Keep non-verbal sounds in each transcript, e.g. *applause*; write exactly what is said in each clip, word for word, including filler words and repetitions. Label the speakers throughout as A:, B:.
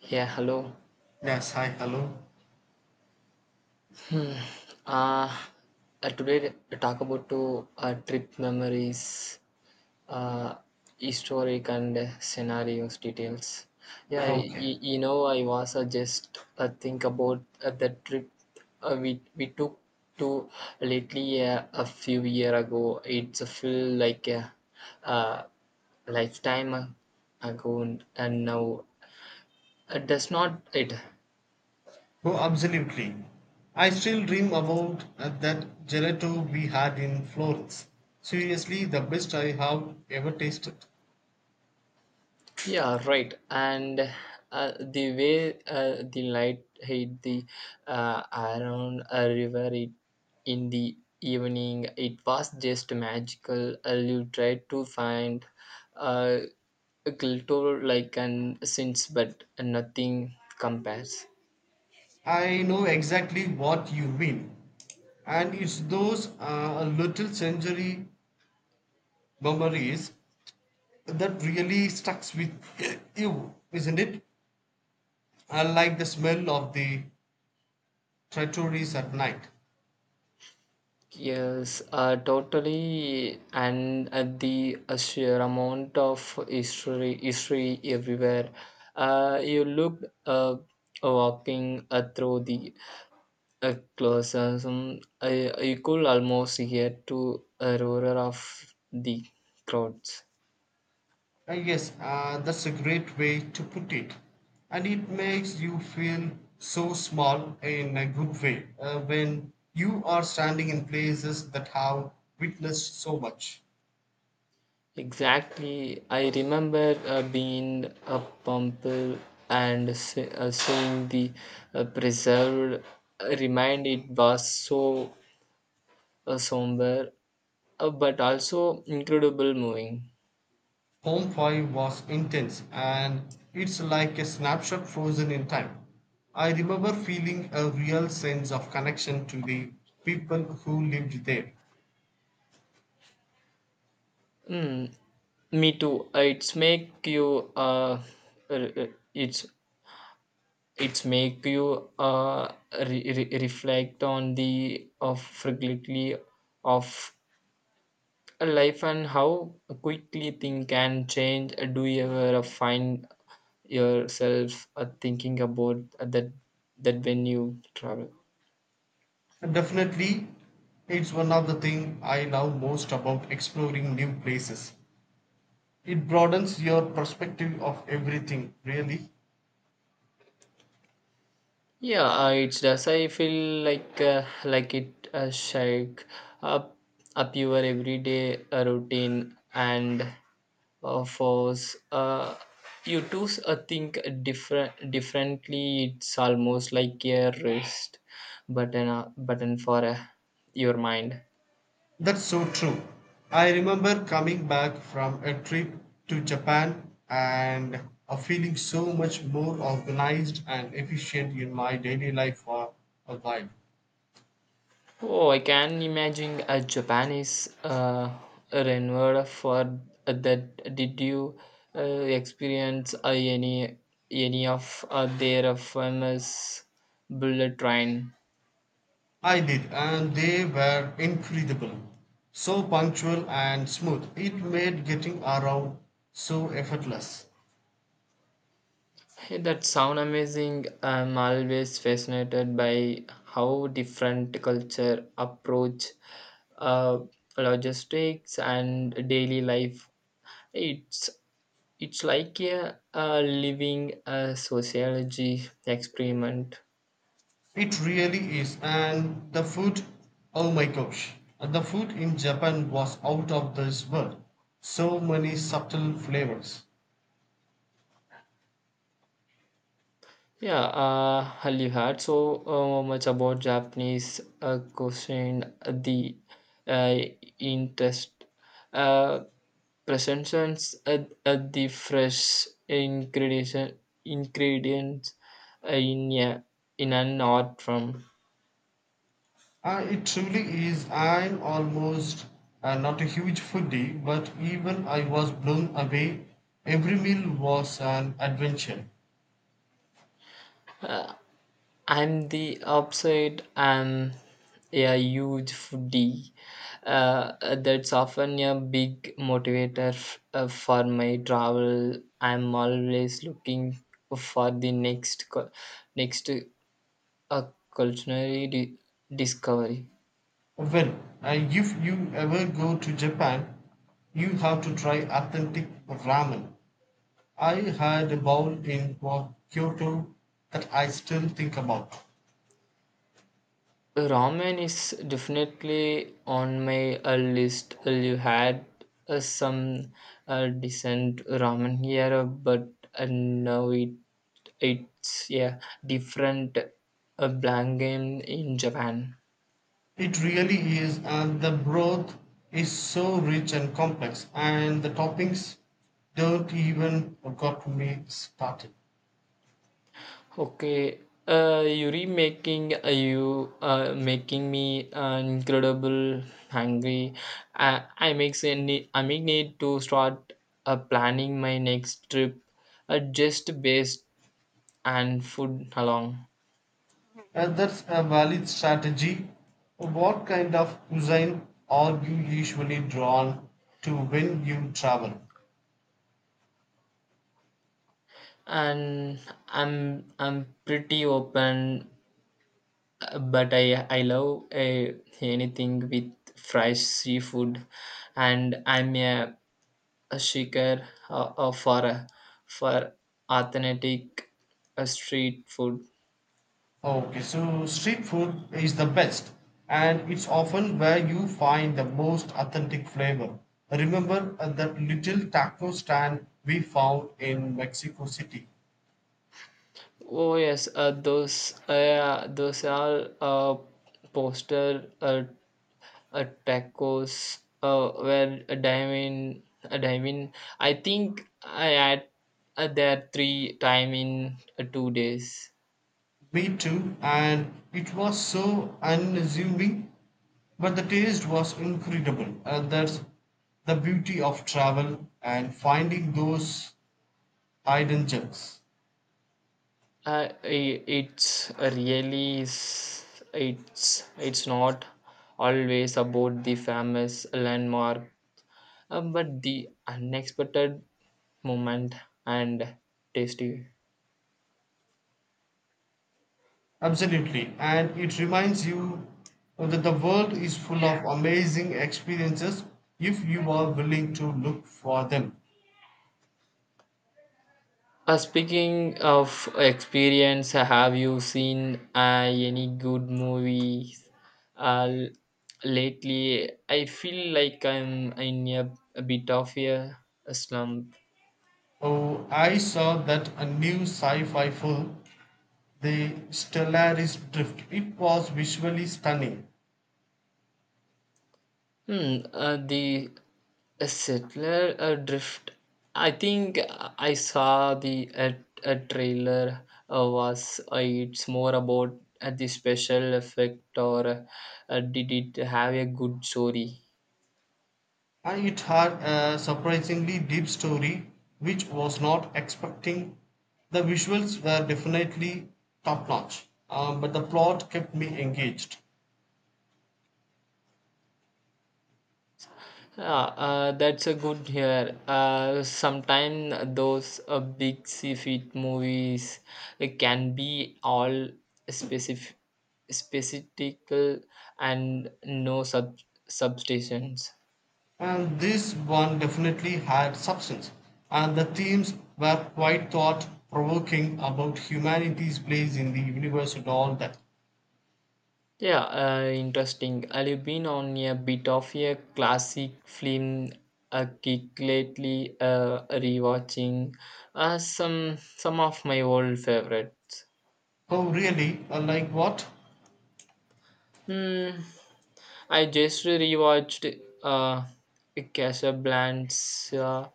A: Yeah, hello.
B: Yes, hi, hello.
A: Uh, uh, today we talk about to uh, trip memories, uh, historic and scenarios details. Yeah,
B: Okay.
A: y- you know, I was uh, just uh, think about uh, the trip uh, we we took to lately uh, a few year ago. It's a feel like a, uh lifetime ago, and now it does not it.
B: Oh, absolutely. I still dream about uh, that gelato we had in Florence. Seriously, the best I have ever tasted.
A: Yeah, right. And uh, the way uh, the light hit the uh, around a river it, in the evening, it was just magical. Uh, you tried to find uh, a glitter like an sense, but nothing compares.
B: I know exactly what you mean. And it's those uh, little century memories that really sticks with *clears throat* you, isn't it? I like the smell of the trattories at night.
A: Yes, uh, totally, and uh, the uh, sheer amount of history, history everywhere. Uh, you look uh, walking uh, through the uh, closets, um, uh, you could almost hear to a roar of the crowds.
B: Uh, yes, uh, that's a great way to put it. And it makes you feel so small in a good way uh, when you are standing in places that have witnessed so much.
A: Exactly, I remember uh, being a pumple and se- uh, seeing the uh, preserved uh, remind. It was so uh, somber, uh, but also incredible moving.
B: Home Five was intense, and it's like a snapshot frozen in time. I remember feeling a real sense of connection to the people who lived there.
A: Mm, me too. Uh, It's make you uh, r- r- it's it's make you uh, re- re- reflect on the of frequently of a life and how quickly things can change. Uh, Do you ever uh, find yourself uh, thinking about uh, that that when you travel?
B: And definitely, it's one of the things I love most about exploring new places. It broadens your perspective of everything, really.
A: Yeah, uh, it does. I feel like uh, like it uh, shake up up your everyday uh, routine and uh, force uh, you to s- uh, think different differently. It's almost like a rest button uh, button for uh, your mind.
B: That's so true. I remember coming back from a trip to Japan and uh, feeling so much more organized and efficient in my daily life for a while.
A: Oh, I can imagine a Japanese uh, renewal for that. Did you uh, experience uh, any any of uh, their famous bullet train?
B: I did, and they were incredible. So punctual and smooth. It made getting around so effortless.
A: Hey, that sound amazing. I'm always fascinated by how different culture approach uh, logistics and daily life. It's It's like a, a living a sociology experiment.
B: It really is, and the food, oh my gosh, the food in Japan was out of this world. So many subtle flavors.
A: Yeah, uh, you heard so uh, much about Japanese uh, question uh, the uh, interest uh, presentations at, at the fresh ingredient, ingredients uh, in a, in an art form.
B: Uh, it truly is. I'm almost uh, not a huge foodie, but even I was blown away. Every meal was an adventure.
A: Uh, I'm the opposite. I'm a huge foodie. Uh, that's often a big motivator f- uh, for my travel. I'm always looking for the next cu- next uh, culinary di- discovery.
B: Well, uh, if you ever go to Japan, you have to try authentic ramen. I had a bowl in Kwa- Kyoto that I still think about.
A: Ramen is definitely on my uh, list. Uh, You had uh, some uh, decent ramen here, uh, but uh, now it it's a different uh, blank game in Japan.
B: It really is, and the broth is so rich and complex, and the toppings don't even got me started.
A: Okay, uh, you remaking uh, you uh, making me uh, incredible hungry. I I makes a need, I make need to start uh, planning my next trip, uh, just based and food along.
B: And that's a valid strategy. What kind of cuisine are you usually drawn to when you travel?
A: And I'm I'm pretty open. Uh, but I I love uh, anything with fresh seafood, and I'm a, a seeker uh, uh, for uh, for authentic uh, street food.
B: Okay, so street food is the best, and it's often where you find the most authentic flavor. Remember uh, that little taco stand we found in Mexico City?
A: Oh yes, uh, those uh, those are uh, poster uh, uh, tacos uh, where a diamond a diamond. I think I had uh, there three time in uh, two days.
B: Me too, and it was so unassuming, but the taste was incredible. And that's the beauty of travel and finding those hidden gems.
A: Uh, i- it's really is it's it's not always about the famous landmark, uh, but the unexpected moment and tasty.
B: Absolutely. And it reminds you that the world is full of amazing experiences if you are willing to look for them.
A: Uh, speaking of experience, have you seen uh, any good movies uh, l- lately? I feel like I'm in a, a bit of a slump.
B: Oh, I saw that a new sci fi film, The Stellaris Drift. It was visually stunning,
A: Hmm, uh, the uh, settler uh, drift. I think uh, I saw the uh, a trailer uh, was uh, it's more about uh, the special effect or uh, uh, did it have a good story?
B: and it had a surprisingly deep story which was not expecting. The visuals were definitely top notch, but the plot kept me engaged.
A: Yeah, uh, that's a good here. Uh, sometimes those uh, big seafood movies uh, can be all specific, specific and no sub substations.
B: And this one definitely had substance, and the themes were quite thought provoking about humanity's place in the universe and all that.
A: Yeah, uh, interesting. I've been on a bit of a classic film a kick lately, uh, rewatching uh, some some of my old favorites.
B: Oh, really? Uh, Like what?
A: Hmm. I just rewatched uh, Casablanca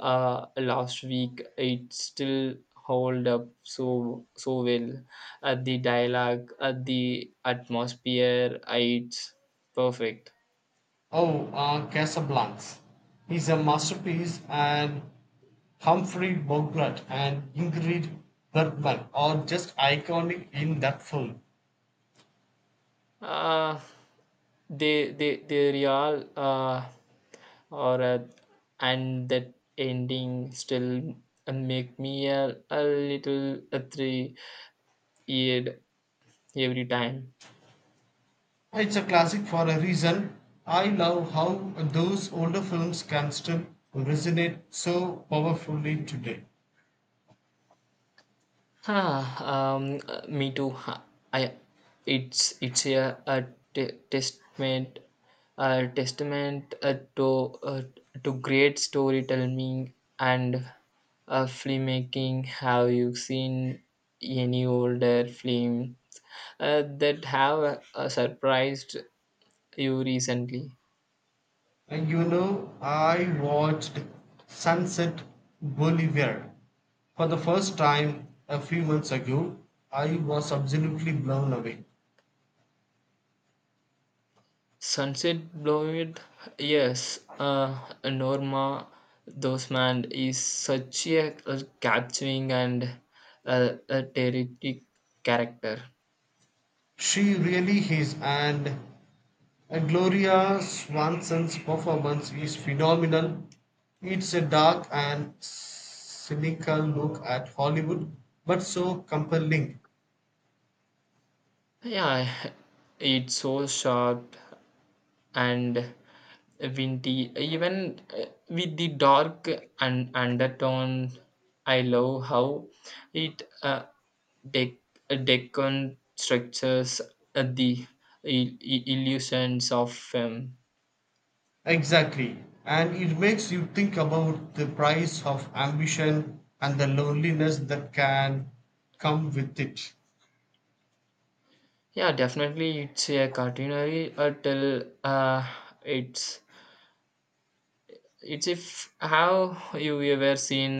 A: uh, last week. It still hold up so so well. Uh, the dialogue, uh, the atmosphere, uh, it's perfect.
B: Oh, uh, Casablanca is a masterpiece, and Humphrey Bogart and Ingrid Bergman are just iconic in that film.
A: Uh, they they they real uh or uh, and that ending still make me a, a little a three year every time.
B: It's a classic for a reason. I love how those older films can still resonate so powerfully today.
A: Huh, um, uh, Me too. Huh, I, it's it's a, a te- testament, a testament uh, to uh, to great storytelling and uh, filmmaking. Have you seen any older film uh, that have uh, surprised you recently?
B: And you know, I watched Sunset Boulevard for the first time a few months ago. I was absolutely blown away.
A: Sunset Blowed, yes, uh, Norma Desmond is such a, a capturing and uh, a terrific character.
B: She really is, and Gloria Swanson's performance is phenomenal. It's a dark and cynical look at Hollywood, but so compelling.
A: Yeah, it's so sharp and windy. Even uh, with the dark and undertone, I love how it uh, dec- deconstructs uh, the i- i- illusions of film.
B: Exactly. And it makes you think about the price of ambition and the loneliness that can come with it.
A: Yeah, definitely it's a culinary uh, tell uh, it's it's if how you ever seen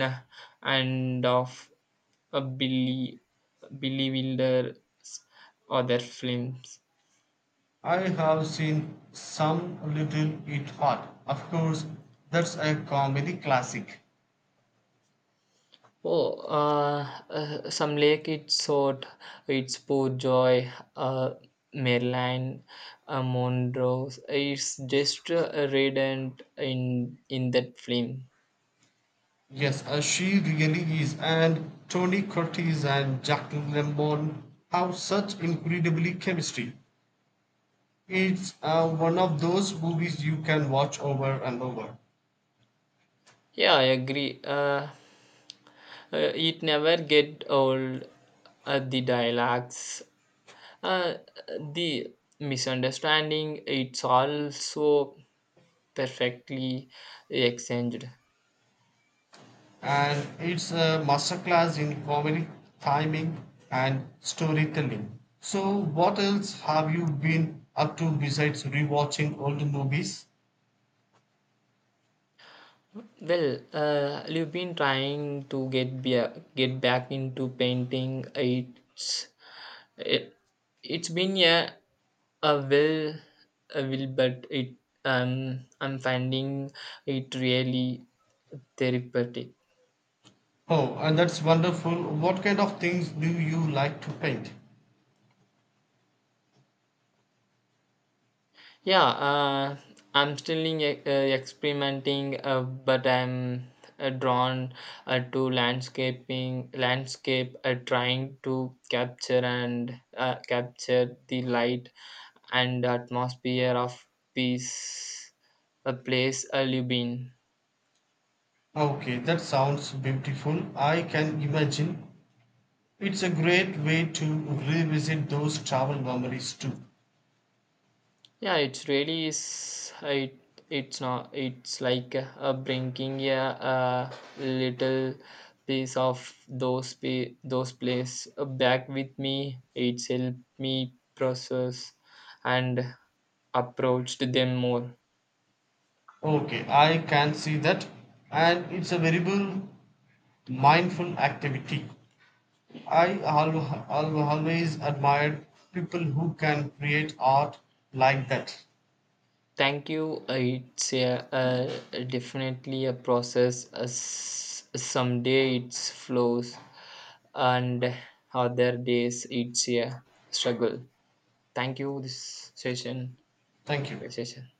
A: and of a Billy Billy Wilder other films.
B: I have seen some little it hot. Of course, that's a comedy classic.
A: Oh, uh, uh, some lake it's sort it's poor joy uh, Maryland uh, Monroe. It's just uh, radiant in in that film.
B: Yes, uh, she really is. And Tony Curtis and Jacqueline Lambon have such incredibly chemistry. It's uh, one of those movies you can watch over and over.
A: Yeah, I agree. Uh, uh, it never get old. Uh, the dialects, uh, the misunderstanding. It's also perfectly exchanged.
B: And it's a masterclass in comedic timing and storytelling. So, what else have you been up to besides rewatching old movies?
A: Well, uh, you've been trying to get be- get back into painting. It's It, it's been a a will a will but it um I'm finding it really therapeutic.
B: Oh, and that's wonderful. What kind of things do you like to paint?
A: Yeah, uh, I'm still in, e- uh, experimenting uh, but I'm uh, drawn uh, to landscaping landscape uh, trying to capture and uh, capture the light and atmosphere of peace a place a live in.
B: Okay, that sounds beautiful. I can imagine. It's a great way to revisit those travel memories too.
A: Yeah, it's really is it, it's not it's like uh, bringing a, a little piece of those pe those place uh, back with me. It's helped me process and approached them more.
B: Okay, I can see that. And it's a very mindful activity. I al- al- always admired people who can create art like that.
A: Thank you. Uh, It's a, a, definitely a process. Uh, s- someday it flows, and other days it's a struggle. Thank you. This session.
B: Thank you.
A: Conversation.